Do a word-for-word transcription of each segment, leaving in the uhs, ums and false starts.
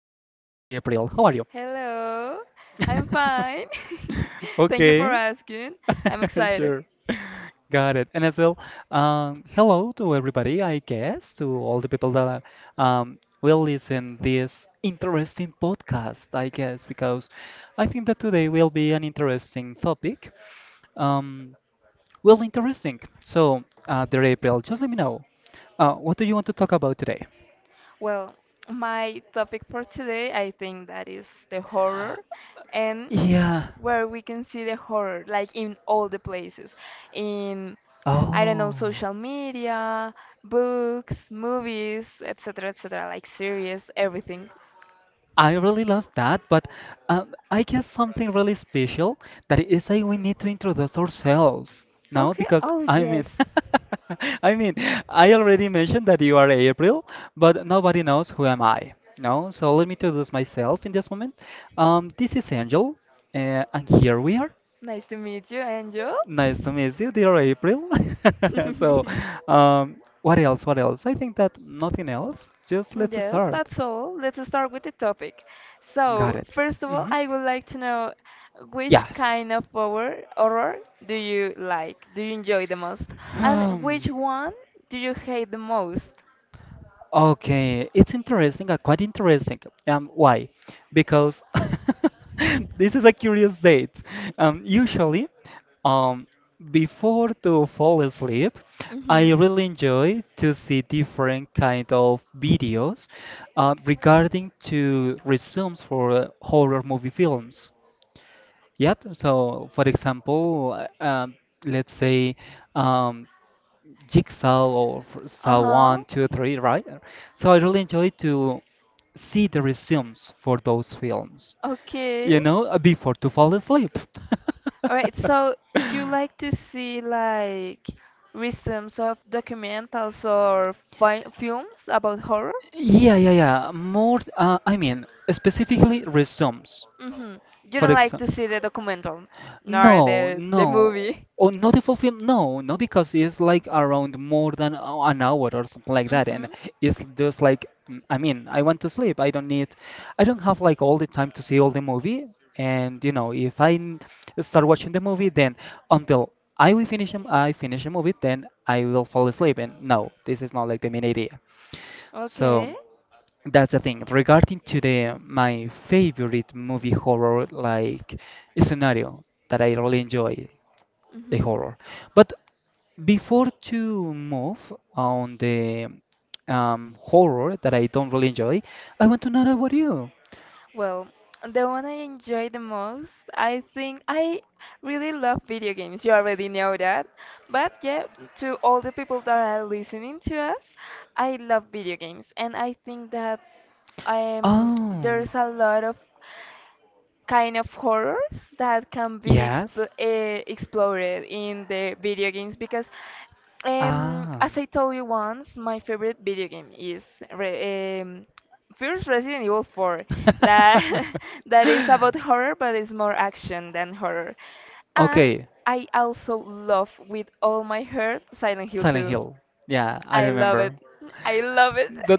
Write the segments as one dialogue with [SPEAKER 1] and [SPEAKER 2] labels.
[SPEAKER 1] April. How are you?
[SPEAKER 2] Hello, I'm fine. Thank you for
[SPEAKER 1] Okay,
[SPEAKER 2] asking. I'm excited.
[SPEAKER 1] sure. Got it. And as well, um, hello to everybody, I guess, to all the people that are, um, will listen this interesting podcast, I guess, because I think that today will be an interesting topic. Um, well, interesting. So, uh, dear April, just let me know, uh, what do you want to talk about today?
[SPEAKER 2] Well, my topic for today, I think that is the horror and
[SPEAKER 1] Yeah.
[SPEAKER 2] where we can see the horror, like in all the places. In, I don't know,
[SPEAKER 1] Oh,
[SPEAKER 2] social media, books, movies, et cetera, et cetera, like series, everything.
[SPEAKER 1] I really love that, but um, I guess something really special that is like we need to introduce ourselves, no?
[SPEAKER 2] Okay,
[SPEAKER 1] Because
[SPEAKER 2] oh,
[SPEAKER 1] I mean,
[SPEAKER 2] yes.
[SPEAKER 1] I mean, I already mentioned that you are April, but nobody knows who am I, no? So let me introduce myself in this moment. Um, this is Angel, uh, and here we are.
[SPEAKER 2] Nice to meet you, Angel.
[SPEAKER 1] Nice to meet you, dear April. So, um, what else? What else? I think that nothing else. Just let's
[SPEAKER 2] Yes,
[SPEAKER 1] start.
[SPEAKER 2] that's all. Let's start with the topic.
[SPEAKER 1] Got
[SPEAKER 2] So,
[SPEAKER 1] it.
[SPEAKER 2] first of all,
[SPEAKER 1] hmm
[SPEAKER 2] I would like to know which
[SPEAKER 1] Yes.
[SPEAKER 2] kind of horror horror do you like? Do you enjoy the most? And
[SPEAKER 1] Um,
[SPEAKER 2] which one do you hate the most?
[SPEAKER 1] okay, it's interesting, uh, quite interesting. Um, why? Because this is a curious date. Um, usually, um, before to fall asleep, I
[SPEAKER 2] Hmm.
[SPEAKER 1] really enjoy to see different kind of videos uh, regarding to resumes for uh, horror movie films. Yep. So, for example, uh, um, let's say um, Jigsaw or f-
[SPEAKER 2] Uh
[SPEAKER 1] Saw
[SPEAKER 2] huh.
[SPEAKER 1] One, Two, Three, right? So I really enjoy to see the resumes for those films,
[SPEAKER 2] Okay.
[SPEAKER 1] you know, uh, before to fall asleep.
[SPEAKER 2] All right. So you like to see like resumes of documentals or fi films about horror?
[SPEAKER 1] Yeah, yeah, yeah. More, uh, I mean, specifically resumes.
[SPEAKER 2] Hmm. You
[SPEAKER 1] For
[SPEAKER 2] don't like
[SPEAKER 1] example,
[SPEAKER 2] to see the documental, nor
[SPEAKER 1] no,
[SPEAKER 2] the the
[SPEAKER 1] no.
[SPEAKER 2] movie.
[SPEAKER 1] Oh, not the full film. No, no, because it's like around more than a- an hour or something like that, and
[SPEAKER 2] Hmm.
[SPEAKER 1] it's just like mm, I mean, I want to sleep. I don't need, I don't have like all the time to see all the movie. And you know, if I n- start watching the movie, then until I will finish, 'em- I finish the movie, then I will fall asleep. And no, this is not like the main idea. So.
[SPEAKER 2] Okay.
[SPEAKER 1] That's the thing. Regarding to the my favorite movie horror like scenario that I really enjoy the
[SPEAKER 2] Hmm.
[SPEAKER 1] horror. But before to move on the um, horror that I don't really enjoy, I want to know about you.
[SPEAKER 2] Well, the one I enjoy the most, I think I really love video games. You already know that. But yeah, to all the people that are listening to us, I love video games. And I think that um,
[SPEAKER 1] Oh,
[SPEAKER 2] there's a lot of kind of horrors that can be
[SPEAKER 1] yes.
[SPEAKER 2] expl- uh, explored in the video games because um,
[SPEAKER 1] Ah,
[SPEAKER 2] as I told you once, my favorite video game is re- um, first Resident Evil four. That that is about horror, but it's more action than horror. And
[SPEAKER 1] okay,
[SPEAKER 2] I also love with all my heart Silent Hill
[SPEAKER 1] Silent
[SPEAKER 2] two.
[SPEAKER 1] Hill. Yeah, I
[SPEAKER 2] I love it.
[SPEAKER 1] remember.
[SPEAKER 2] I love it.
[SPEAKER 1] The,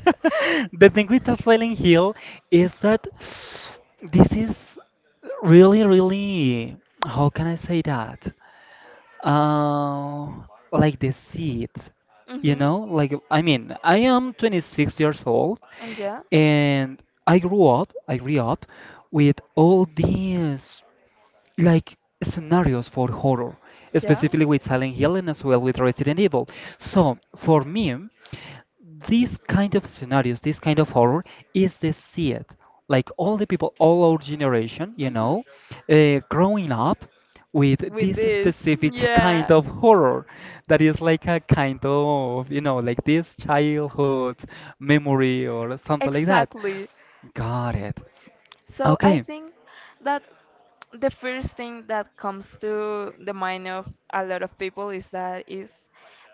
[SPEAKER 1] the thing with the Silent Hill is that this is really, really, how can I say that? Uh, like the seed, you
[SPEAKER 2] Hmm.
[SPEAKER 1] know? Like, I mean, I am twenty-six years old
[SPEAKER 2] Yeah.
[SPEAKER 1] and I grew up, I grew up with all these like scenarios for horror,
[SPEAKER 2] Yeah.
[SPEAKER 1] specifically with Silent Hill and as well with Resident Evil. So for me, these kind of scenarios, this kind of horror is the seed. Like all the people, all our generation, you
[SPEAKER 2] Mhm.
[SPEAKER 1] know, uh, growing up with
[SPEAKER 2] With
[SPEAKER 1] this
[SPEAKER 2] this.
[SPEAKER 1] specific
[SPEAKER 2] Yeah.
[SPEAKER 1] kind of horror that is like a kind of, you know, like this childhood memory or something like that.
[SPEAKER 2] Exactly.
[SPEAKER 1] Got it.
[SPEAKER 2] So I
[SPEAKER 1] Okay.
[SPEAKER 2] think that the first thing that comes to the mind of a lot of people is that is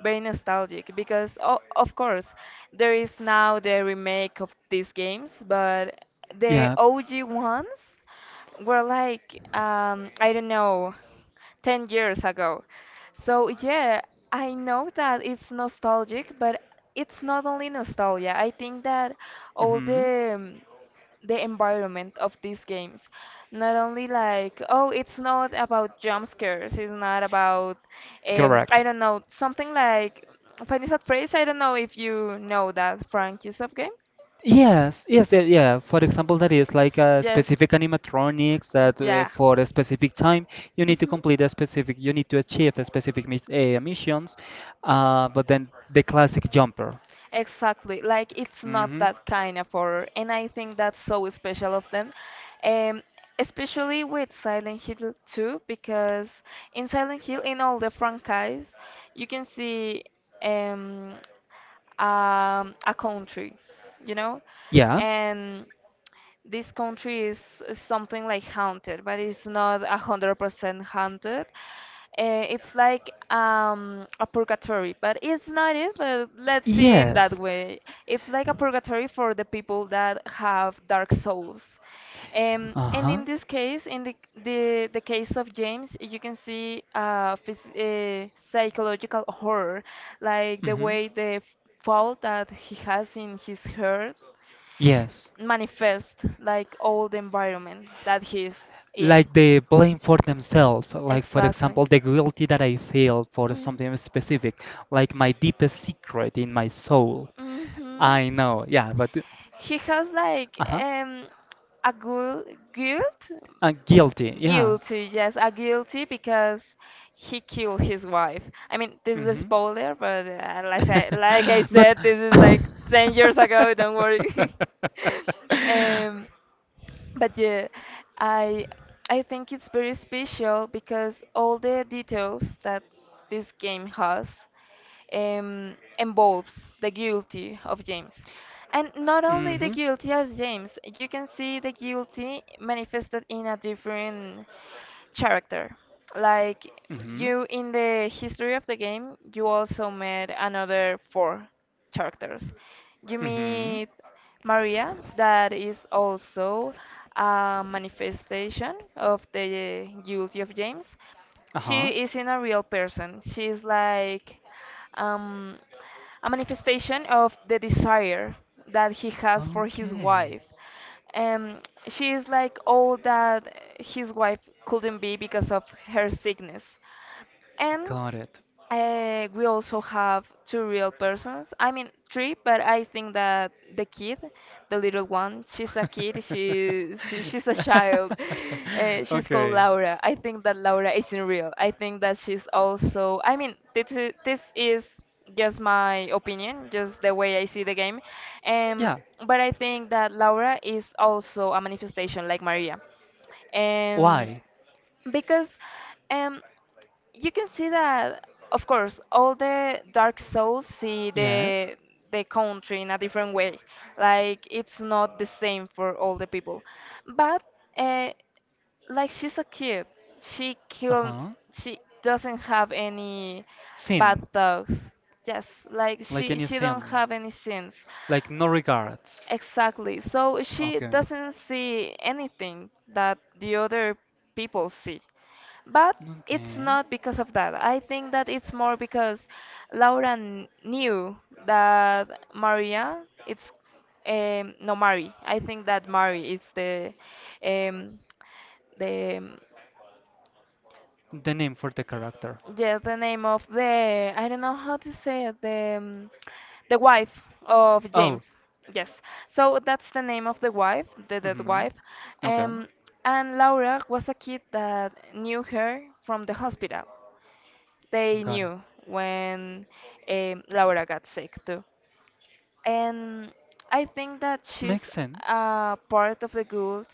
[SPEAKER 2] very nostalgic because o of course there is now the remake of these games, but the
[SPEAKER 1] Yeah.
[SPEAKER 2] O G ones were like um, I don't know, ten years ago. So, yeah, I know that it's nostalgic, but it's not only nostalgia. I think that all
[SPEAKER 1] hmm
[SPEAKER 2] the um, the environment of these games. Not only like, oh, it's not about jump scares, it's not about, um, I
[SPEAKER 1] Correct.
[SPEAKER 2] don't know, something like Finis at phrase, I don't know if you know that franchise of games.
[SPEAKER 1] Yes, yes, yeah, yeah. For example, that is like a
[SPEAKER 2] Yes,
[SPEAKER 1] specific animatronics that uh,
[SPEAKER 2] yeah.
[SPEAKER 1] for a specific time you need to
[SPEAKER 2] Hmm.
[SPEAKER 1] complete a specific, you need to achieve a specific mis uh, missions. Uh, but then the classic jumper.
[SPEAKER 2] Exactly, like it's not
[SPEAKER 1] Hmm.
[SPEAKER 2] that kind of horror, and I think that's so special of them, um, especially with Silent Hill two, because in Silent Hill, in all the franchise, you can see um, um, a country, you know,
[SPEAKER 1] Yeah.
[SPEAKER 2] and this country is something like haunted, but it's not a hundred percent haunted. Uh, it's like um, a purgatory, but it's not it. But let's see in that
[SPEAKER 1] Yes.
[SPEAKER 2] way. It's like a purgatory for the people that have dark souls. Um, and in
[SPEAKER 1] Uh-huh.
[SPEAKER 2] this case, in the, the, the case of James, you can see uh, phys- uh, psychological horror, like the
[SPEAKER 1] Hmm.
[SPEAKER 2] way the fault that he has in his heart
[SPEAKER 1] Yes.
[SPEAKER 2] manifest like all the environment that he's in.
[SPEAKER 1] Like they blame for themselves, like for
[SPEAKER 2] Exactly.
[SPEAKER 1] example the guilty that I feel for
[SPEAKER 2] Mhm.
[SPEAKER 1] something specific, like my deepest secret in my soul,
[SPEAKER 2] Mhm.
[SPEAKER 1] I know. Yeah. But
[SPEAKER 2] He has like
[SPEAKER 1] uh-huh,
[SPEAKER 2] um a good guilt
[SPEAKER 1] uh, guilty. Yeah.
[SPEAKER 2] Guilty, yes, a guilty because he killed his wife. I mean, this is a
[SPEAKER 1] Hmm.
[SPEAKER 2] spoiler, but uh, like I, like I
[SPEAKER 1] But
[SPEAKER 2] said, this is like ten years ago, don't worry. Um, but yeah, I I think it's very special because all the details that this game has um, involves the guilty of James, and not
[SPEAKER 1] hmm,
[SPEAKER 2] only the
[SPEAKER 1] hmm,
[SPEAKER 2] guilty of James, you can see the guilty manifested in a different character. Like you in the history of the game, you also met another four characters. You
[SPEAKER 1] hmm.
[SPEAKER 2] meet Maria, that is also a manifestation of the guilty of James.
[SPEAKER 1] Uh-huh.
[SPEAKER 2] She isn't a real person. She is like um, a manifestation of the desire that he has for his
[SPEAKER 1] Okay.
[SPEAKER 2] wife. Um, she is like all that his wife couldn't be because of her sickness. And
[SPEAKER 1] Got it.
[SPEAKER 2] uh, we also have two real persons. I mean, three, but I think that the kid, the little one, she's a kid. She, she- she's a child. Uh, she's called
[SPEAKER 1] Okay.
[SPEAKER 2] Laura. I think that Laura isn't real. I think that she's also. I mean, this is, this is just my opinion, just the way I see the game. Um,
[SPEAKER 1] Yeah.
[SPEAKER 2] but I think that Laura is also a manifestation like Maria. Um,
[SPEAKER 1] Why?
[SPEAKER 2] because um you can see that of course all the dark souls see
[SPEAKER 1] Yes.
[SPEAKER 2] the the country in a different way like it's not the same for all the people but uh, like she's a cute. she kill
[SPEAKER 1] Uh-huh.
[SPEAKER 2] she doesn't have any bad
[SPEAKER 1] Sin.
[SPEAKER 2] thoughts, yes, like
[SPEAKER 1] Like
[SPEAKER 2] she
[SPEAKER 1] any
[SPEAKER 2] she don't
[SPEAKER 1] sin.
[SPEAKER 2] have any sins.
[SPEAKER 1] Like no regards.
[SPEAKER 2] Exactly. So she
[SPEAKER 1] Okay.
[SPEAKER 2] doesn't see anything that the other people see. But it's
[SPEAKER 1] Okay.
[SPEAKER 2] not because of that. I think that it's more because Laura kn- knew that Maria, it's um, no Mari. I think that Mari is the um, the
[SPEAKER 1] The name for the character.
[SPEAKER 2] yeah, the name of the I don't know how to say it, the um, the wife of James.
[SPEAKER 1] Oh.
[SPEAKER 2] Yes. So that's the name of the wife, the dead
[SPEAKER 1] Mm-hmm.
[SPEAKER 2] wife.
[SPEAKER 1] Okay.
[SPEAKER 2] Um, and Laura was a kid that knew her from the hospital. They
[SPEAKER 1] Got it.
[SPEAKER 2] knew when um, Laura got sick too. And I think that she's
[SPEAKER 1] Makes sense.
[SPEAKER 2] uh, part of the guilt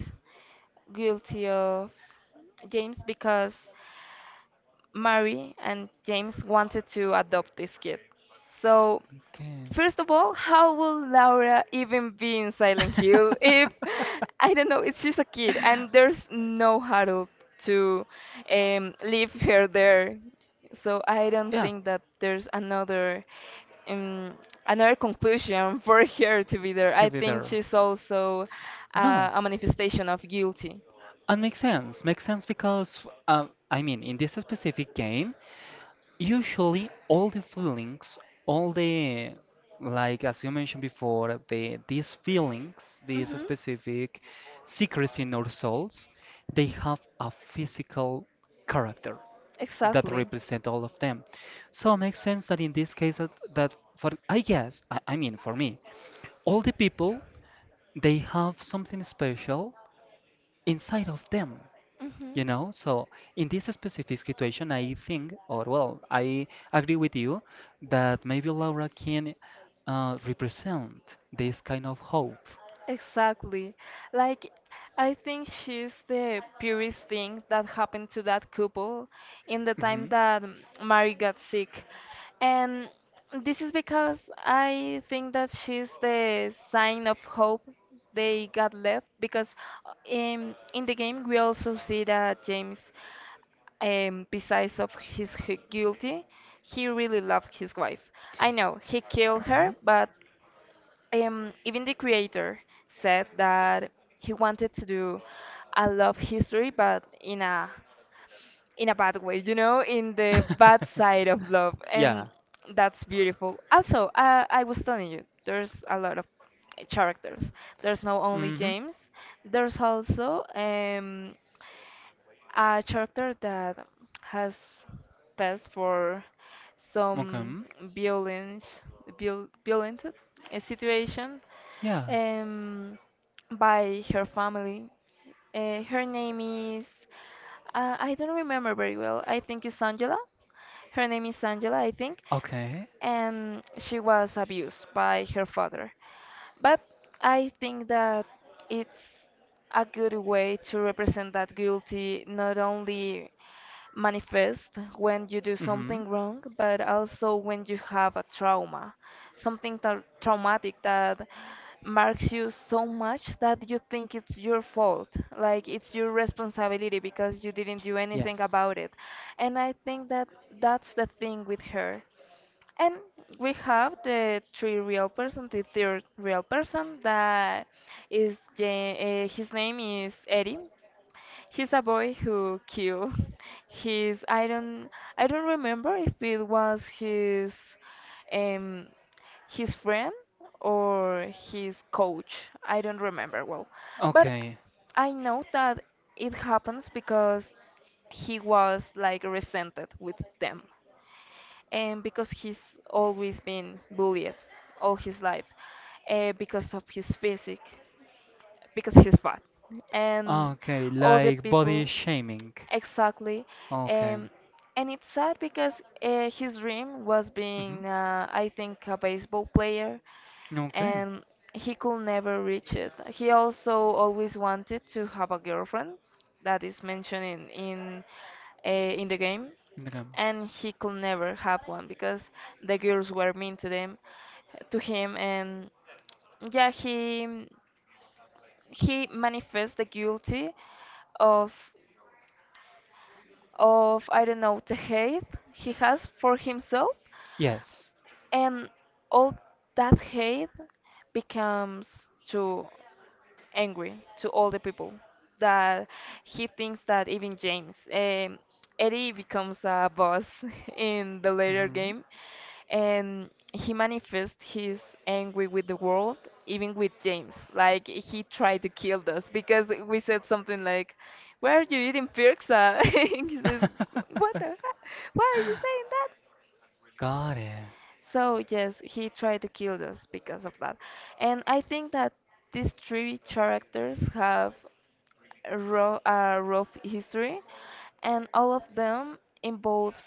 [SPEAKER 2] guilty of James because Mary and James wanted to adopt this kid. So,
[SPEAKER 1] Okay.
[SPEAKER 2] first of all, how will Laura even be in Silent Hill if I don't know, it's just a kid and there's no hurdle to um, leave her there. So I don't
[SPEAKER 1] Yeah,
[SPEAKER 2] think that there's another um, another conclusion for her to be there. I
[SPEAKER 1] to be
[SPEAKER 2] think
[SPEAKER 1] there.
[SPEAKER 2] she's also uh,
[SPEAKER 1] No,
[SPEAKER 2] a manifestation of guilty.
[SPEAKER 1] and makes sense. Makes sense because, um, I mean, in this specific game, usually all the feelings, all the, like as you mentioned before, the these feelings, these
[SPEAKER 2] Hmm.
[SPEAKER 1] specific secrets in our souls, they have a physical character that
[SPEAKER 2] Exactly.
[SPEAKER 1] represent all of them. So it makes sense that in this case that, that for I guess, I, I mean for me, all the people they have something special inside of them, you
[SPEAKER 2] Mhm.
[SPEAKER 1] know? So in this specific situation I think, or well, I agree with you that maybe Laura can uh, represent this kind of hope.
[SPEAKER 2] Exactly. Like, I think she's the purest thing that happened to that couple in the time
[SPEAKER 1] Mhm.
[SPEAKER 2] that Mary got sick. And this is because I think that she's the sign of hope they got left because uh, in in the game we also see that James um, besides of his hu- guilty, he really loved his wife. I know he killed her,
[SPEAKER 1] Mhm.
[SPEAKER 2] but um, even the creator said that he wanted to do a love history, but in a in a bad way, you know, in the bad side of love,
[SPEAKER 1] Yeah.
[SPEAKER 2] and that's beautiful. Also, uh, I was telling you, there's a lot of characters. There's not only
[SPEAKER 1] Mhm.
[SPEAKER 2] James, there's also um, a character that has passed for some
[SPEAKER 1] Okay.
[SPEAKER 2] violent, viol- violent uh, situation
[SPEAKER 1] Yeah.
[SPEAKER 2] um, by her family. Uh, her name is, uh, I don't remember very well. I think it's Angela. Her name is Angela, I think,
[SPEAKER 1] Okay.
[SPEAKER 2] and she was abused by her father. But I think that it's a good way to represent that guilty not only manifest when you do
[SPEAKER 1] Mhm.
[SPEAKER 2] something wrong, but also when you have a trauma, something tra- traumatic that marks you so much that you think it's your fault, like it's your responsibility because you didn't do anything
[SPEAKER 1] Yes.
[SPEAKER 2] about it. And I think that that's the thing with her. And we have the three real person, the third real person that is Ja- uh, his name is Eddie. He's a boy who killed his I don't I don't remember if it was his um his friend or his coach. I don't remember well. But
[SPEAKER 1] Okay.
[SPEAKER 2] I know that it happens because he was like resented with them and because he's always been bullied all his life, uh, because of his physique because he's fat and
[SPEAKER 1] Okay,
[SPEAKER 2] all the
[SPEAKER 1] like body
[SPEAKER 2] people.
[SPEAKER 1] shaming.
[SPEAKER 2] Exactly.
[SPEAKER 1] Okay.
[SPEAKER 2] Um, and it's sad because uh, his dream was
[SPEAKER 1] Hmm.
[SPEAKER 2] being, uh, I think, a baseball player,
[SPEAKER 1] Okay.
[SPEAKER 2] and he could never reach it. He also always wanted to have a girlfriend that is mentioned in in, uh, in the game,
[SPEAKER 1] Okay.
[SPEAKER 2] and he could never have one because the girls were mean to them, to him, and yeah, he he manifests the guilty of of I don't know the hate he has for himself,
[SPEAKER 1] Yes.
[SPEAKER 2] and all that hate becomes true angry to all the people that he thinks that even James um, Eddie becomes a boss in the later
[SPEAKER 1] Hmm.
[SPEAKER 2] game and he manifests his angry with the world even with James like he tried to kill us because we said something like, why are you eating pizza? He says, what the heck? Why are you saying that?
[SPEAKER 1] Got it.
[SPEAKER 2] So yes, he tried to kill us because of that. And I think that these three characters have a rough, a rough history, and all of them involves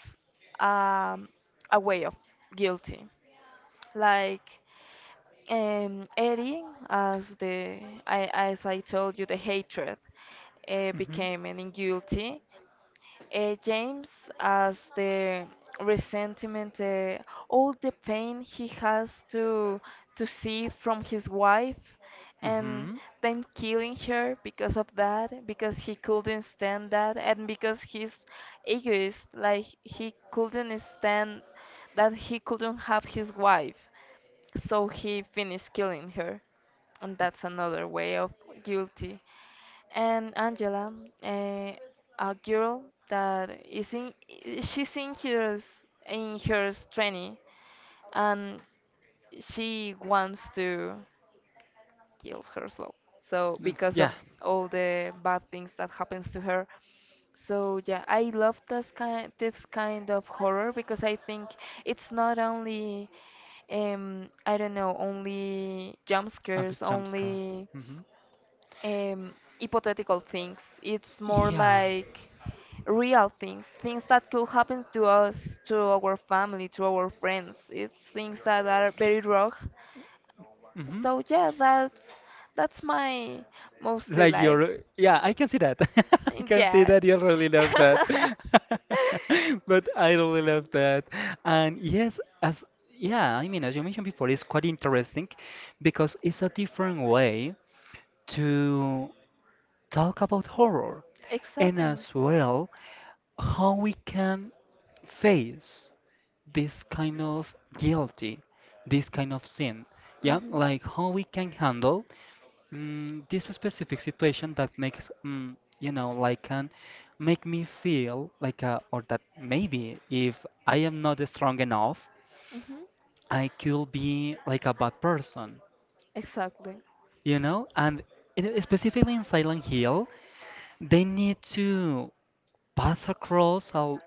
[SPEAKER 2] um, a way of guilty. Like um, Eddie, as the I, as I told you, the hatred uh,
[SPEAKER 1] Hmm,
[SPEAKER 2] became an guilty, uh, James, as the resentment, uh, all the pain he has to to see from his wife, and
[SPEAKER 1] hmm.
[SPEAKER 2] then killing her because of that, because he couldn't stand that, and because he's egoist, like he couldn't stand that he couldn't have his wife, so he finished killing her, and that's another way of guilty. And Angela, eh, a girl that is in, she's in her in her twenty, and she wants to kill herself. So because
[SPEAKER 1] Yeah,
[SPEAKER 2] of all the bad things that happens to her. So yeah, I love this kind this kind of horror because I think it's not only um I don't know only jump
[SPEAKER 1] a good
[SPEAKER 2] scares
[SPEAKER 1] jump scare.
[SPEAKER 2] only
[SPEAKER 1] Hmm.
[SPEAKER 2] um, hypothetical things. It's more
[SPEAKER 1] Yeah.
[SPEAKER 2] like real things, things that could happen to us, to our family, to our friends. It's things that are very raw.
[SPEAKER 1] Hmm.
[SPEAKER 2] So yeah, that's that's my mostly
[SPEAKER 1] Like
[SPEAKER 2] like
[SPEAKER 1] you're, yeah, I can see that. I can see
[SPEAKER 2] yeah.
[SPEAKER 1] that you really love that. But I really love that. And yes, as, yeah, I mean, as you mentioned before, it's quite interesting because it's a different way to talk about horror and
[SPEAKER 2] Exactly.
[SPEAKER 1] as well how we can face this kind of guilty, this kind of sin. Yeah,
[SPEAKER 2] Hmm.
[SPEAKER 1] like how we can handle, mm, this specific situation that makes, mm, you know, like can make me feel like, uh, or that maybe if I am not strong enough,
[SPEAKER 2] Hmm.
[SPEAKER 1] I could be like a bad person,
[SPEAKER 2] Exactly.
[SPEAKER 1] you know? And in, specifically in Silent Hill, they need to pass across a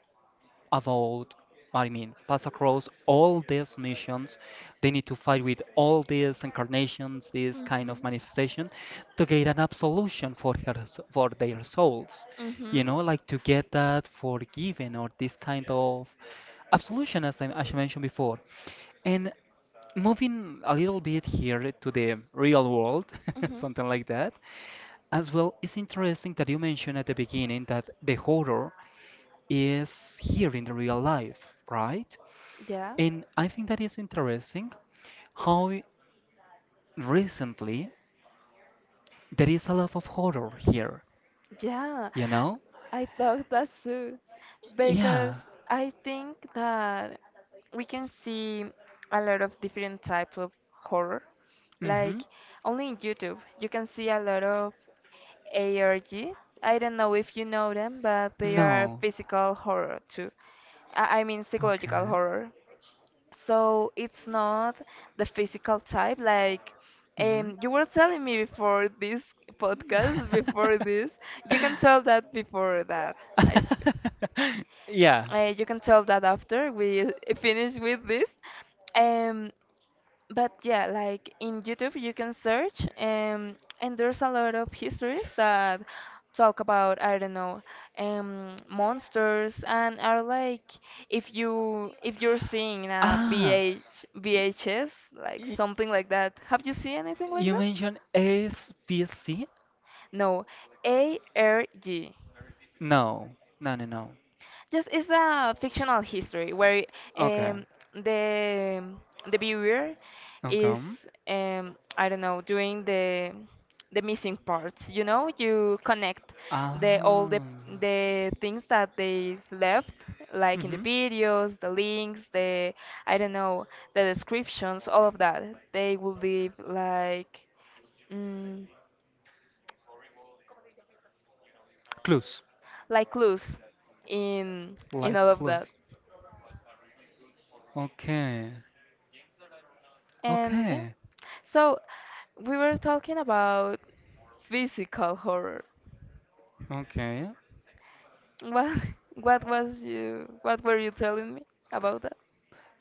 [SPEAKER 1] about, I mean, pass across all these missions. They need to fight with all these incarnations, this kind of
[SPEAKER 2] Mhm.
[SPEAKER 1] manifestation, to get an absolution for her, for their souls. You
[SPEAKER 2] Mhm.
[SPEAKER 1] know, like to get that forgiven or this kind of absolution, as I, as I mentioned before. And moving a little bit here to the real world, something like that. As well, it's interesting that you mentioned at the beginning that the horror is
[SPEAKER 2] Mhm.
[SPEAKER 1] here in the real life, right?
[SPEAKER 2] Yeah.
[SPEAKER 1] And I think that is interesting how i- recently there is a lot of horror here,
[SPEAKER 2] Yeah.
[SPEAKER 1] you know?
[SPEAKER 2] I thought that too. Because
[SPEAKER 1] Yeah.
[SPEAKER 2] I think that we can see a lot of different types of horror.
[SPEAKER 1] Mm-hmm.
[SPEAKER 2] Like only in YouTube, you can see a lot of A R Gs. I don't know if you know them, but they are
[SPEAKER 1] No.
[SPEAKER 2] physical horror too. I I mean psychological
[SPEAKER 1] Okay.
[SPEAKER 2] horror. So it's not the physical type. Like
[SPEAKER 1] Mm-hmm.
[SPEAKER 2] um, you were telling me before this podcast, before this, you can tell that before that I sp-
[SPEAKER 1] Yeah.
[SPEAKER 2] uh, you can tell that after we finish with this. Um, but yeah, like in YouTube, you can search, um, and there's a lot of histories that talk about, I don't know, um, monsters, and are like if you if you're seeing a V
[SPEAKER 1] Ah.
[SPEAKER 2] H V H S like
[SPEAKER 1] Y-
[SPEAKER 2] something like that. Have you seen anything like
[SPEAKER 1] You
[SPEAKER 2] that?
[SPEAKER 1] mentioned S P C?
[SPEAKER 2] No, A R G.
[SPEAKER 1] No, no, no, no.
[SPEAKER 2] Just it's a fictional history where
[SPEAKER 1] Okay,
[SPEAKER 2] um, the the viewer is
[SPEAKER 1] okay.
[SPEAKER 2] um, I don't know doing the the missing parts. You know, you connect the all the
[SPEAKER 1] Ah.
[SPEAKER 2] the things that they left, like in the
[SPEAKER 1] Mhm.
[SPEAKER 2] videos, the links, the I don't know the descriptions, all of that. They will leave like. Mm,
[SPEAKER 1] Clues,
[SPEAKER 2] like clues in in
[SPEAKER 1] like
[SPEAKER 2] all of that.
[SPEAKER 1] clues. Okay,
[SPEAKER 2] And yeah.
[SPEAKER 1] okay,
[SPEAKER 2] So we were talking about physical horror.
[SPEAKER 1] okay.
[SPEAKER 2] What what was you what were you telling me about that?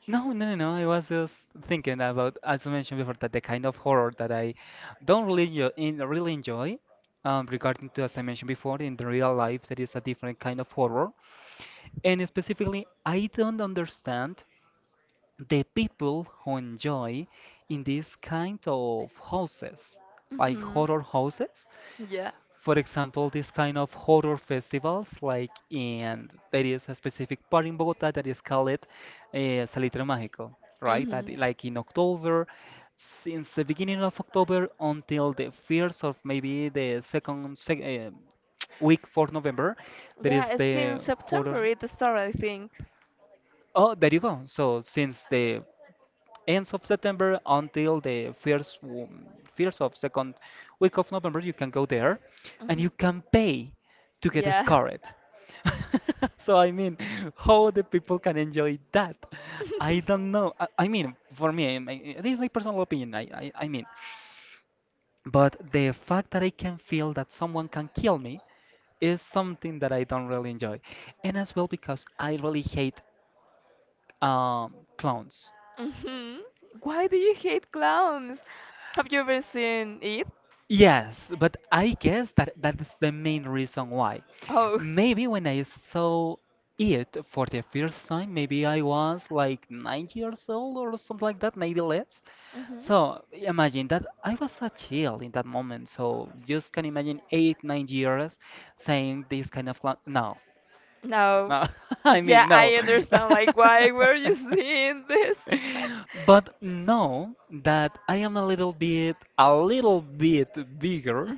[SPEAKER 1] No, no, no, no. I was just thinking about, as you mentioned before, that the kind of horror that I don't really enjoy, in, really enjoy, um, regarding to, as I mentioned before, in the real life, there is a different kind of horror. And specifically, I don't understand the people who enjoy in this kind of houses, like
[SPEAKER 2] Hmm.
[SPEAKER 1] horror houses
[SPEAKER 2] Yeah.
[SPEAKER 1] for example, this kind of horror festivals, like in there is a specific part in Bogota that is called uh, Salitre Mágico, right? That, i-
[SPEAKER 2] Hmm.
[SPEAKER 1] like in October, since the beginning of October until the first of maybe the second sec uh, week for November, there
[SPEAKER 2] Yeah,
[SPEAKER 1] is
[SPEAKER 2] it's since
[SPEAKER 1] the horror.
[SPEAKER 2] September it started, I think.
[SPEAKER 1] Oh, there you go. So since the ends of September until the first w- first of second week of November. You can go there, and
[SPEAKER 2] Hmm.
[SPEAKER 1] you can pay to get
[SPEAKER 2] Yeah.
[SPEAKER 1] scarred. So I mean, how the people can enjoy that? I don't know. I, I mean, for me, I, I- this is my personal opinion. I, I I mean, but the fact that I can feel that someone can kill me is something that I don't really enjoy, and as well because I really hate um, clowns.
[SPEAKER 2] Hmm. Why do you hate clowns? Have you ever seen it?
[SPEAKER 1] Yes, but I guess that that's the main reason why.
[SPEAKER 2] Oh.
[SPEAKER 1] Maybe when I saw it for the first time, maybe I was like nine years old or something like that, maybe less.
[SPEAKER 2] Hmm.
[SPEAKER 1] So imagine that I was a child in that moment. So just can imagine eight, nine years saying this kind of clown. No,
[SPEAKER 2] No.
[SPEAKER 1] no, I
[SPEAKER 2] Yeah,
[SPEAKER 1] mean no.
[SPEAKER 2] I understand. Like, why were you seeing this?
[SPEAKER 1] But know that I am a little bit, a little bit bigger.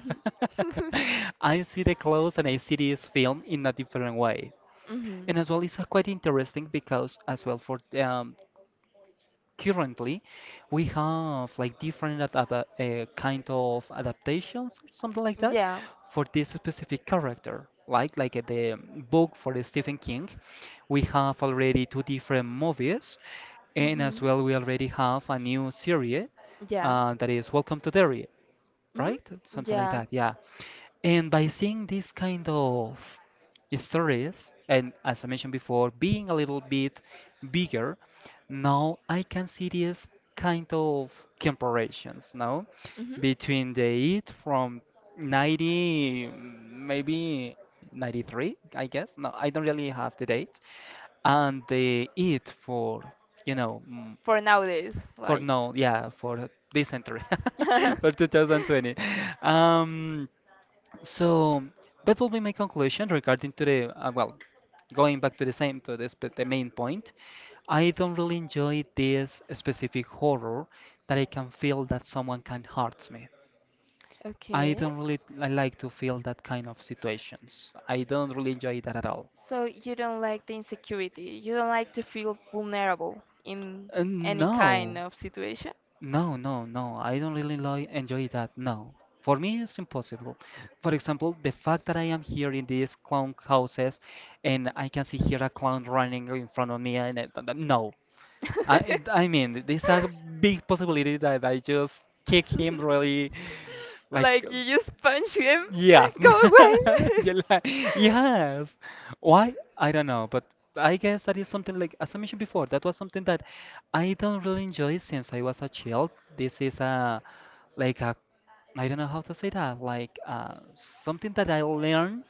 [SPEAKER 2] Hmm.
[SPEAKER 1] I see the clothes and I see this film in a different way.
[SPEAKER 2] Hmm.
[SPEAKER 1] And as well, it's uh, quite interesting because as well for um, currently we have like different ad- ad- uh, kind of adaptations something like that
[SPEAKER 2] Yeah.
[SPEAKER 1] for this specific character, like like uh, the book for the Stephen King. We have already two different movies and as well we already have a new series
[SPEAKER 2] Yeah.
[SPEAKER 1] uh, that is Welcome to Derry,
[SPEAKER 2] Hmm.
[SPEAKER 1] right? Something like
[SPEAKER 2] Yeah.
[SPEAKER 1] that, yeah. And by seeing these kind of stories, and as I mentioned before, being a little bit bigger, now I can see these kind of comparisons, now
[SPEAKER 2] Hmm.
[SPEAKER 1] between the It from ninety, maybe ninety-three, I guess. No, I don't really have the date. And the It for, you know, mm,
[SPEAKER 2] For nowadays,
[SPEAKER 1] for
[SPEAKER 2] like.
[SPEAKER 1] no, yeah, for this century, for two thousand twenty. Um, so that will be my conclusion regarding to the uh, well, going back to the same to this, but the main point. I don't really enjoy this specific horror that I can feel that someone can hurt me. I
[SPEAKER 2] Okay.
[SPEAKER 1] don't really I like to feel that kind of situations. I don't really enjoy that at all.
[SPEAKER 2] So you don't like the insecurity. You don't like to feel vulnerable in
[SPEAKER 1] Uh,
[SPEAKER 2] any kind
[SPEAKER 1] no,
[SPEAKER 2] of situation.
[SPEAKER 1] No, no, no. I don't really lo- enjoy that. No. For me, it's impossible. For example, the fact that I am here in these clown houses and I can see here a clown running in front of me and it, th- th- no. I, it- I mean, There's a big possibility that I just kick him really like,
[SPEAKER 2] Like
[SPEAKER 1] uh,
[SPEAKER 2] you just punch him,
[SPEAKER 1] yeah.
[SPEAKER 2] go away.
[SPEAKER 1] You li- yes. Why? I don't know, but I guess that is something like, as I mentioned before, that was something that I don't really enjoy since I was a child. This is a like a I don't know how to say that, like uh, something that I learned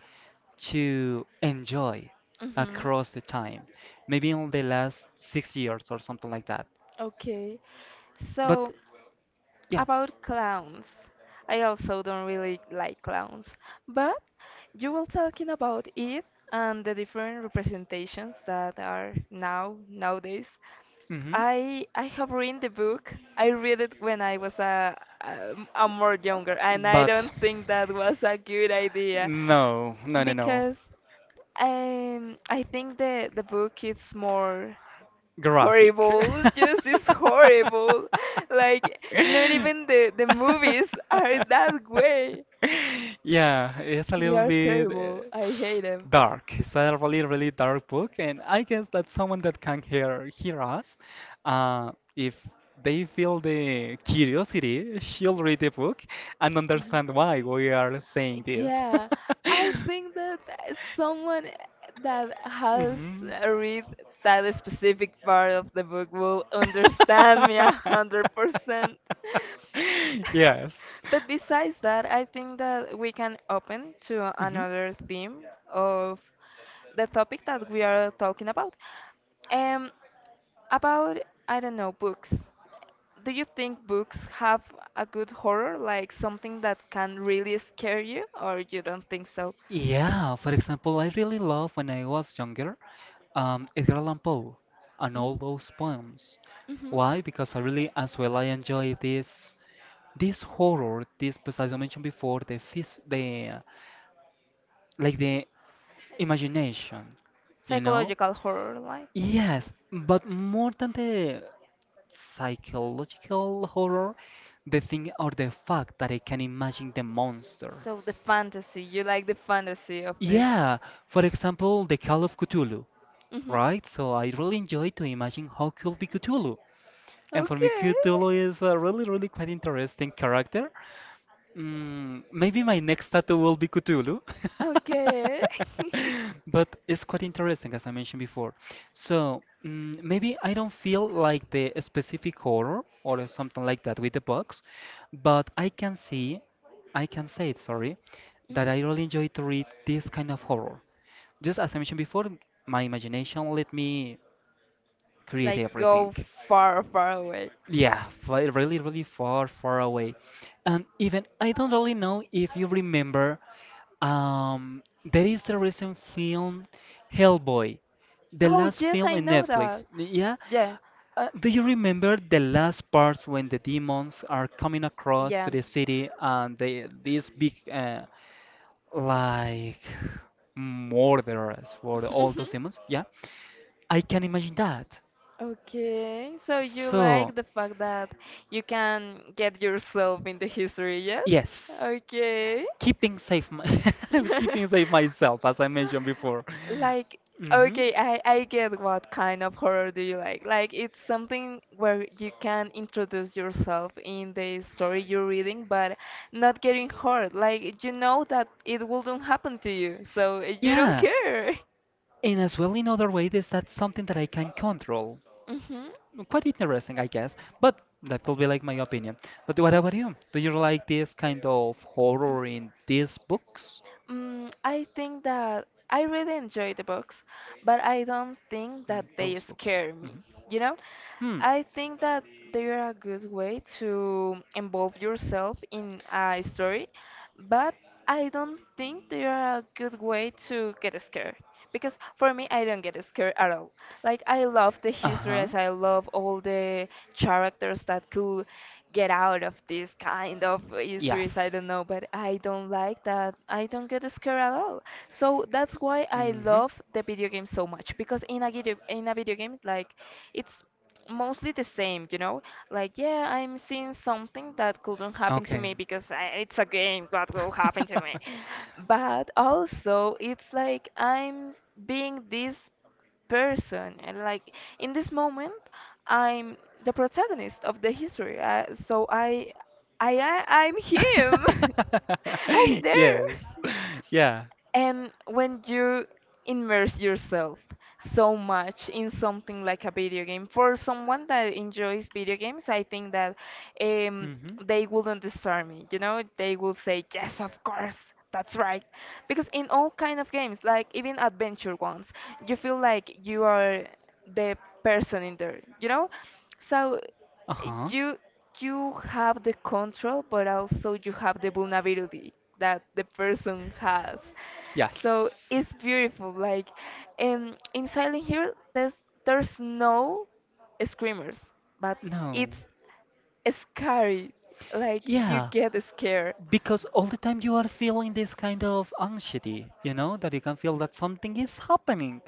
[SPEAKER 1] to enjoy
[SPEAKER 2] Hmm.
[SPEAKER 1] across the time, maybe in the last six years or something like that.
[SPEAKER 2] Okay.
[SPEAKER 1] But
[SPEAKER 2] So,
[SPEAKER 1] yeah,
[SPEAKER 2] about clowns. I also don't really like clowns, but you were talking about it and the different representations that are now nowadays.
[SPEAKER 1] mm-hmm.
[SPEAKER 2] I I have read the book. I read it when I was a, a, a more younger, and I
[SPEAKER 1] But
[SPEAKER 2] don't think that was a good idea
[SPEAKER 1] no, no, no, no.
[SPEAKER 2] because um, I think the the book is more
[SPEAKER 1] Graphic.
[SPEAKER 2] horrible, just is horrible. Like, not even the the movies are that way.
[SPEAKER 1] Yeah, it's a
[SPEAKER 2] They
[SPEAKER 1] little
[SPEAKER 2] are
[SPEAKER 1] bit
[SPEAKER 2] terrible.
[SPEAKER 1] uh,
[SPEAKER 2] I hate them.
[SPEAKER 1] dark. It's a really, really dark book, and I guess that someone that can hear hear us, uh, if they feel the curiosity, she'll read the book and understand why we are saying this.
[SPEAKER 2] Yeah, I think that someone that has
[SPEAKER 1] Mhm.
[SPEAKER 2] read that specific part of the book will understand me a hundred percent.
[SPEAKER 1] Yes.
[SPEAKER 2] But besides that, I think that we can open to
[SPEAKER 1] Mhm.
[SPEAKER 2] another theme of the topic that we are talking about. Um, about I don't know books. Do you think books have a good horror, like something that can really scare you, or you don't think so?
[SPEAKER 1] Yeah, for example, I really love when I was younger, um, Edgar Allan Poe and all
[SPEAKER 2] Hmm.
[SPEAKER 1] those poems.
[SPEAKER 2] Hmm.
[SPEAKER 1] Why? Because I really, as well, I enjoy this this horror, this, pues, as I mentioned before, the phys the like the imagination, you know?
[SPEAKER 2] Psychological horror, like.
[SPEAKER 1] Yes, but more than the psychological horror, the thing or the fact that I can imagine the
[SPEAKER 2] So the
[SPEAKER 1] monsters.
[SPEAKER 2] fantasy, you like the fantasy of this.
[SPEAKER 1] Yeah, for example, the Call of Cthulhu,
[SPEAKER 2] Hmm.
[SPEAKER 1] right? So I really enjoy to imagine how could be Cthulhu. And for me,
[SPEAKER 2] Okay.
[SPEAKER 1] Cthulhu is a really, really quite interesting character. Mm, maybe my next tattoo will be Cthulhu.
[SPEAKER 2] Okay.
[SPEAKER 1] But it's quite interesting, as I mentioned before. So mm, maybe I don't feel like the specific horror or something like that with the books, but I can see, I can say it, sorry, that
[SPEAKER 2] Mhm.
[SPEAKER 1] I really enjoy to read this kind of horror. Just as I mentioned before, my imagination let me create
[SPEAKER 2] Like
[SPEAKER 1] everything.
[SPEAKER 2] go far, far away.
[SPEAKER 1] Yeah, fly really, really far, far away. And even I don't really know if you remember, um, there is the recent film Hellboy, the
[SPEAKER 2] Oh,
[SPEAKER 1] last
[SPEAKER 2] yes,
[SPEAKER 1] film
[SPEAKER 2] I
[SPEAKER 1] in
[SPEAKER 2] know
[SPEAKER 1] Netflix.
[SPEAKER 2] that.
[SPEAKER 1] Yeah,
[SPEAKER 2] Yeah.
[SPEAKER 1] uh, do you remember the last parts when the demons are coming across to the city and they these big uh, like murderers for all those demons? Yeah, I can imagine that.
[SPEAKER 2] Okay, so you
[SPEAKER 1] So.
[SPEAKER 2] like the fact that you can get yourself in the history, yes?
[SPEAKER 1] Yes,
[SPEAKER 2] Okay.
[SPEAKER 1] keeping safe, my keeping safe myself, as I mentioned before.
[SPEAKER 2] Like,
[SPEAKER 1] hmm
[SPEAKER 2] okay, I, I get what kind of horror do you like. Like, it's something where you can introduce yourself in the story you're reading, but not getting hurt. Like, you know that it wouldn't happen to you, so you don't
[SPEAKER 1] Yeah,
[SPEAKER 2] care.
[SPEAKER 1] and as well in other way, is that something that I can control?
[SPEAKER 2] Hmm.
[SPEAKER 1] Quite interesting, I guess, but that could be like my opinion. But what about you? Do you like this kind of horror in these books?
[SPEAKER 2] Mm, I think that I really enjoy the books, but I don't think that
[SPEAKER 1] In
[SPEAKER 2] they
[SPEAKER 1] those books?
[SPEAKER 2] scare me.
[SPEAKER 1] hmm
[SPEAKER 2] You know,
[SPEAKER 1] Hmm.
[SPEAKER 2] I think that they're a good way to involve yourself in a story, but I don't think they are a good way to get scared. Because for me, I don't get scared at all. Like, I love the
[SPEAKER 1] Uh-huh.
[SPEAKER 2] histories, I love all the characters that could get out of this kind of histories, I
[SPEAKER 1] Yes.
[SPEAKER 2] don't know, but I don't like that. I don't get scared at all. So that's why I
[SPEAKER 1] Mm-hmm.
[SPEAKER 2] love the video game so much. Because in a video, in a video game, like, it's mostly the same, you know? Like, yeah, I'm seeing something that couldn't happen to
[SPEAKER 1] Okay.
[SPEAKER 2] me because I, it's a game, what will happen to me? But also, it's like I'm being this person, and like in this moment, I'm the protagonist of the history. Uh, so I, I, I, I'm him. I'm there.
[SPEAKER 1] Yes. Yeah.
[SPEAKER 2] And when you immerse yourself so much in something like a video game, for someone that enjoys video games, I think that um,
[SPEAKER 1] Mm-hmm.
[SPEAKER 2] they wouldn't disturb me. You know, they will say, "Yes, of course, that's right," because in all kind of games, like even adventure ones, you feel like you are the person in there. You know, so
[SPEAKER 1] Uh-huh.
[SPEAKER 2] you you have the control, but also you have the vulnerability that the person has.
[SPEAKER 1] Yes.
[SPEAKER 2] So it's beautiful. Like, um, in Silent Hill there's there's no screamers, but
[SPEAKER 1] No.
[SPEAKER 2] it's scary. Like, you
[SPEAKER 1] Yeah,
[SPEAKER 2] get scared.
[SPEAKER 1] because all the time you are feeling this kind of anxiety, you know, that you can feel that something is happening.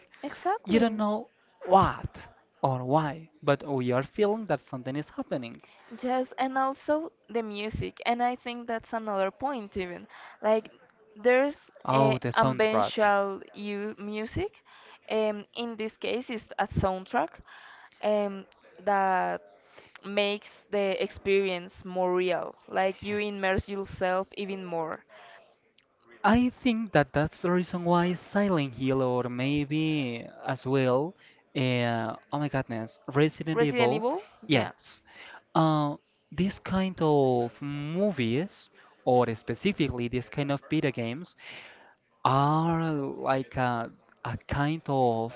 [SPEAKER 1] You don't
[SPEAKER 2] Exactly.
[SPEAKER 1] know what or why, but we are feeling that something is happening.
[SPEAKER 2] Yes, and also the music, and I think that's another point even. Like there's
[SPEAKER 1] Oh,
[SPEAKER 2] a
[SPEAKER 1] the soundtrack.
[SPEAKER 2] ambiental u music, um, in this case it's a soundtrack, um, that makes the experience more real. Like you immerse yourself even more.
[SPEAKER 1] I think that that's the reason why Silent Hill, or maybe as well, uh, oh my goodness, Resident
[SPEAKER 2] Resident
[SPEAKER 1] Evil,
[SPEAKER 2] Evil, yeah.
[SPEAKER 1] yes. Uh, this kind of movies, or specifically this kind of video games, are like a, a kind of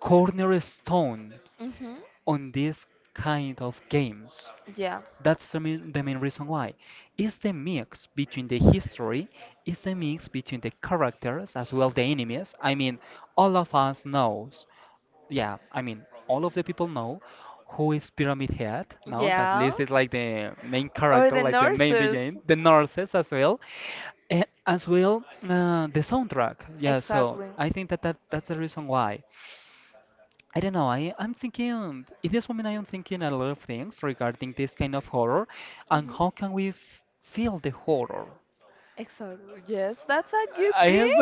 [SPEAKER 1] cornerstone
[SPEAKER 2] Hmm.
[SPEAKER 1] on this kind of games.
[SPEAKER 2] Yeah.
[SPEAKER 1] That's the main, the main reason why. It's the mix between the history, it's the mix between the characters as well the enemies. I mean, all of us knows yeah, I mean, all of the people know who is Pyramid Head now. That
[SPEAKER 2] Yeah.
[SPEAKER 1] Liz is like the main
[SPEAKER 2] Or
[SPEAKER 1] character,
[SPEAKER 2] the
[SPEAKER 1] like the main
[SPEAKER 2] nurses.
[SPEAKER 1] D J, the nurses as well, and as well uh, the soundtrack. Yeah, so
[SPEAKER 2] Exactly.
[SPEAKER 1] I think that, that that's the reason why. I don't know. I I'm thinking in this moment I am thinking a lot of things regarding this kind of horror, and
[SPEAKER 2] Hmm.
[SPEAKER 1] how can we f feel the horror?
[SPEAKER 2] Exactly. Yes, that's a good
[SPEAKER 1] I
[SPEAKER 2] thing.
[SPEAKER 1] have,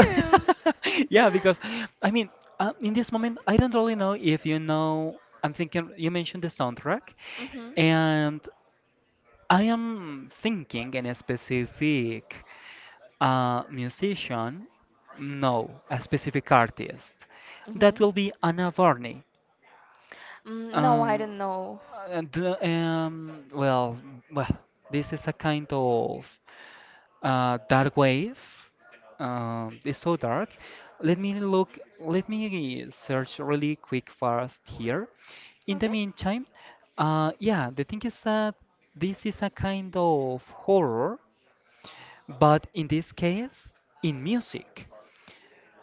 [SPEAKER 1] yeah,
[SPEAKER 2] Hmm.
[SPEAKER 1] because I mean, uh, in this moment, I don't really know if you know. I'm thinking you mentioned the soundtrack, and I am thinking in a specific uh, musician, no, a specific artist.
[SPEAKER 2] Hmm.
[SPEAKER 1] That will be Anna Varney.
[SPEAKER 2] Mm, no, I
[SPEAKER 1] Um,
[SPEAKER 2] don't know.
[SPEAKER 1] and, uh, um, well, well, this is a kind of uh, dark wave. Um, it's so dark. Let me look. Let me search really quick fast here. In the
[SPEAKER 2] Okay.
[SPEAKER 1] meantime, uh, yeah, the thing is that this is a kind of horror, but in this case, in music.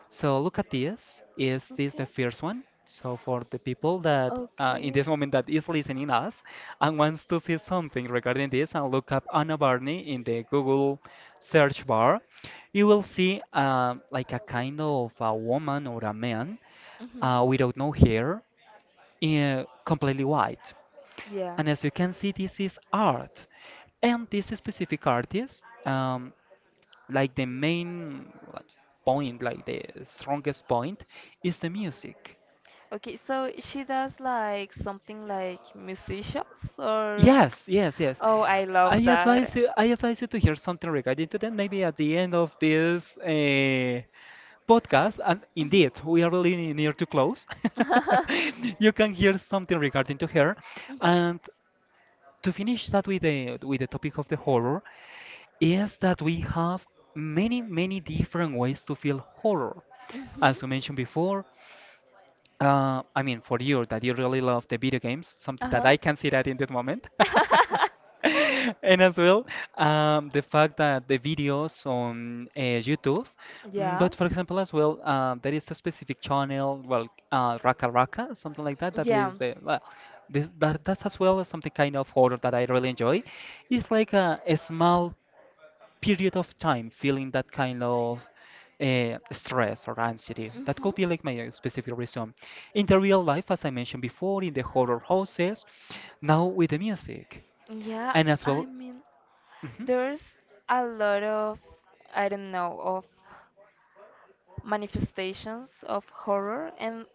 [SPEAKER 1] So look at this. Is this
[SPEAKER 2] Okay.
[SPEAKER 1] the first one? So for the people that uh, in
[SPEAKER 2] Okay.
[SPEAKER 1] this moment that is listening us and wants to see something regarding this and look up Anna Barney in the Google search bar, you will see uh, like a kind of a woman or a man
[SPEAKER 2] Mhm.
[SPEAKER 1] uh, without no hair, uh, completely white.
[SPEAKER 2] Yeah.
[SPEAKER 1] And as you can see, this is art. And this specific artist, um, like the main like, point, like the strongest point, is the music.
[SPEAKER 2] Okay, so she does like something like musicians or.
[SPEAKER 1] Yes, yes, yes.
[SPEAKER 2] Oh, I
[SPEAKER 1] I
[SPEAKER 2] love that.
[SPEAKER 1] advise you. I advise you to hear something regarding to that. Maybe at the end of this uh, podcast, and
[SPEAKER 2] Mhm.
[SPEAKER 1] indeed, we are really near to close. You can hear something regarding to her,
[SPEAKER 2] Mhm.
[SPEAKER 1] and to finish that with the with the topic of the horror, is that we have many many different ways to feel horror.
[SPEAKER 2] Hmm.
[SPEAKER 1] As you mentioned before, Uh, I mean, for you that you really love the video games, something that
[SPEAKER 2] Uh-huh.
[SPEAKER 1] I can see that in this moment. And as well, um, the fact that the videos on uh, YouTube, mm,
[SPEAKER 2] Yeah.
[SPEAKER 1] but for example, as well, uh, there is a specific channel, well, uh, Raka Raka, something like that, that
[SPEAKER 2] Yeah.
[SPEAKER 1] is, uh, well, this, that, that's as well something kind of horror that I really enjoy. It's like a, a small period of time feeling that kind of uh, stress or anxiety. That could
[SPEAKER 2] Mhm.
[SPEAKER 1] be like my uh, specific reason. In the real life, as I mentioned before, in the horror houses, now with the music.
[SPEAKER 2] Yeah,
[SPEAKER 1] And as
[SPEAKER 2] I
[SPEAKER 1] well,
[SPEAKER 2] mean,
[SPEAKER 1] mhm,
[SPEAKER 2] there's a lot of, I don't know, of manifestations of horror, and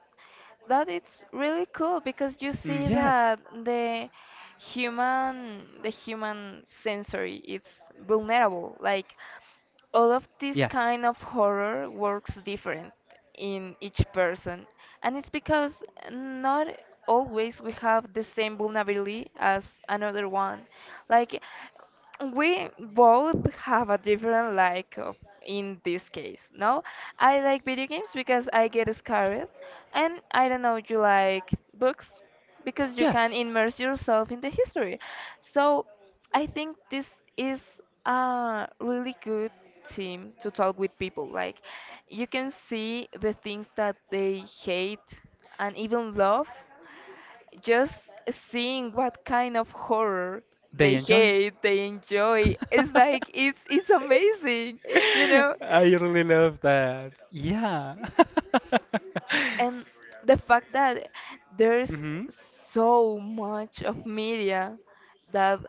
[SPEAKER 2] that it's really cool because you
[SPEAKER 1] mm,
[SPEAKER 2] see
[SPEAKER 1] yes,
[SPEAKER 2] that the human, the human sensory, it's vulnerable. Like, all of this
[SPEAKER 1] yes.
[SPEAKER 2] kind of horror works different in each person, and it's because not always we have the same vulnerability as another one, like we both have a different like of- in this case. No, I like video games because I get scared, and I don't know, you like books because you can
[SPEAKER 1] Yes,
[SPEAKER 2] immerse yourself in the history. So I think this is a really good team to talk with people. Like you can see the things that they hate and even love, just seeing what kind of horror they
[SPEAKER 1] they enjoy.
[SPEAKER 2] hate, they enjoy. It's like it's it's amazing, you know?
[SPEAKER 1] I really love that. Yeah.
[SPEAKER 2] And the fact that there's
[SPEAKER 1] hmm
[SPEAKER 2] so much of media that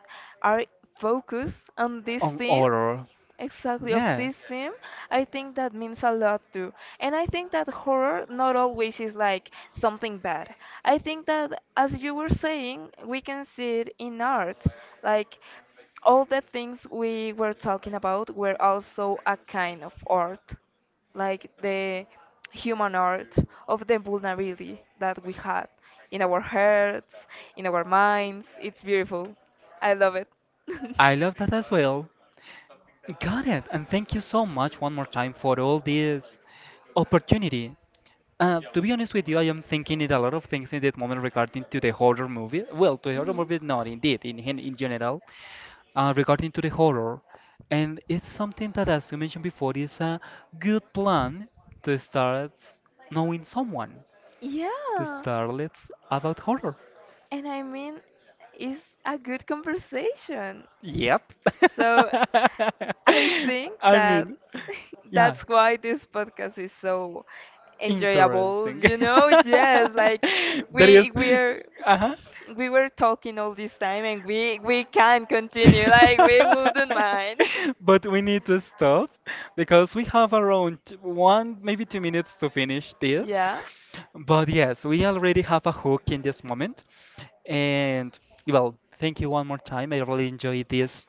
[SPEAKER 2] are focused on this
[SPEAKER 1] On
[SPEAKER 2] theme,
[SPEAKER 1] order.
[SPEAKER 2] exactly of this
[SPEAKER 1] Yes.
[SPEAKER 2] theme, I think that means a lot too. And I think that horror not always is like something bad. I think that as you were saying, we can see it in art. Like all the things we were talking about were also a kind of art, like the human art of the vulnerability that we had in our hearts, in our minds. It's beautiful. I love it.
[SPEAKER 1] I love that as well. Got it. And thank you so much one more time for all this opportunity. Uh, to be honest with you, I am thinking it a lot of things in that moment regarding to the horror movie. Well, to the horror
[SPEAKER 2] Mhm.
[SPEAKER 1] movies, not indeed, in, in in general. uh, regarding to the horror, and it's something that, as you mentioned before, is a good plan to start s- knowing someone to
[SPEAKER 2] Yeah,
[SPEAKER 1] start let's about horror.
[SPEAKER 2] and I mean, it's a good conversation.
[SPEAKER 1] Yep.
[SPEAKER 2] So I think
[SPEAKER 1] I
[SPEAKER 2] that
[SPEAKER 1] mean, yeah,
[SPEAKER 2] that's why this podcast is so enjoyable,
[SPEAKER 1] interesting.
[SPEAKER 2] you know? Yes, like
[SPEAKER 1] There
[SPEAKER 2] we
[SPEAKER 1] is,
[SPEAKER 2] we're
[SPEAKER 1] uh-huh.
[SPEAKER 2] we were talking all this time, and we we can continue, like we wouldn't mind.
[SPEAKER 1] But we need to stop because we have around one, maybe two minutes to finish this.
[SPEAKER 2] Yeah.
[SPEAKER 1] But yes, we already have a hook in this moment. And well, thank you one more time. I really enjoyed this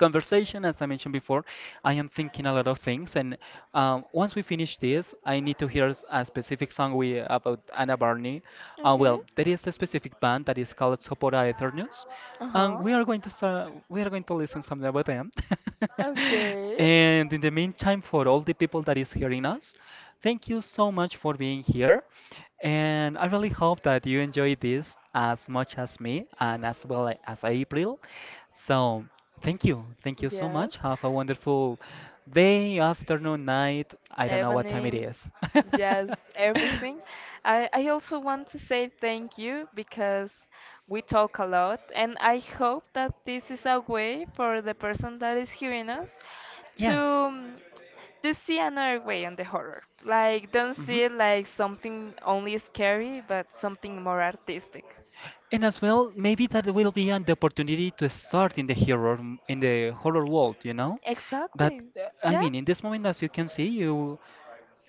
[SPEAKER 2] I
[SPEAKER 1] as I mentioned
[SPEAKER 2] I
[SPEAKER 1] before, I am thinking a lot of things,
[SPEAKER 2] a
[SPEAKER 1] and um, once we finish
[SPEAKER 2] we
[SPEAKER 1] this, I need to hear s- a specific song we about Anna Barney. Uh, well, there is a specific band that is called Sopora Eternos, and we are going to start, we are going to listen something about them.
[SPEAKER 2] them. Okay.
[SPEAKER 1] And in the meantime, for all the people that is hearing us, thank you so much for being here. And I really hope that you enjoy this as much as me and as well as April. So. Thank you. Thank you so much. Have a wonderful day, afternoon, night. I don't know what time it
[SPEAKER 2] Evening,
[SPEAKER 1] is.
[SPEAKER 2] yes, everything. I, I also want to say thank you because we talk a lot, and I hope that this is a way for the person that is hearing us to
[SPEAKER 1] Yes.
[SPEAKER 2] um, to see another way on the horror. Like, don't
[SPEAKER 1] hmm
[SPEAKER 2] see it like something only scary, but something more artistic.
[SPEAKER 1] And as well, maybe that will be an opportunity to start in the horror in the horror world, you know? That
[SPEAKER 2] Exactly.
[SPEAKER 1] uh, I
[SPEAKER 2] Yeah.
[SPEAKER 1] mean, in this moment, as you can see, you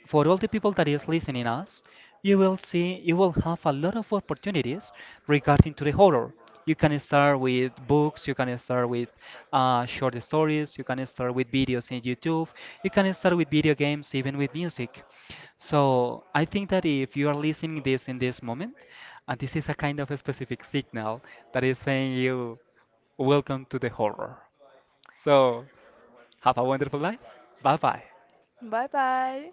[SPEAKER 1] for all the people that is listening us you will see you will have a lot of opportunities regarding to the horror. You can start with books, you can start with uh, short stories, you can start with videos in YouTube, you can start with video games, even with music. So I think that if you are listening this in this moment and this is a kind of a specific signal that is saying you welcome to the horror. So have a wonderful life. Bye bye.
[SPEAKER 2] Bye bye.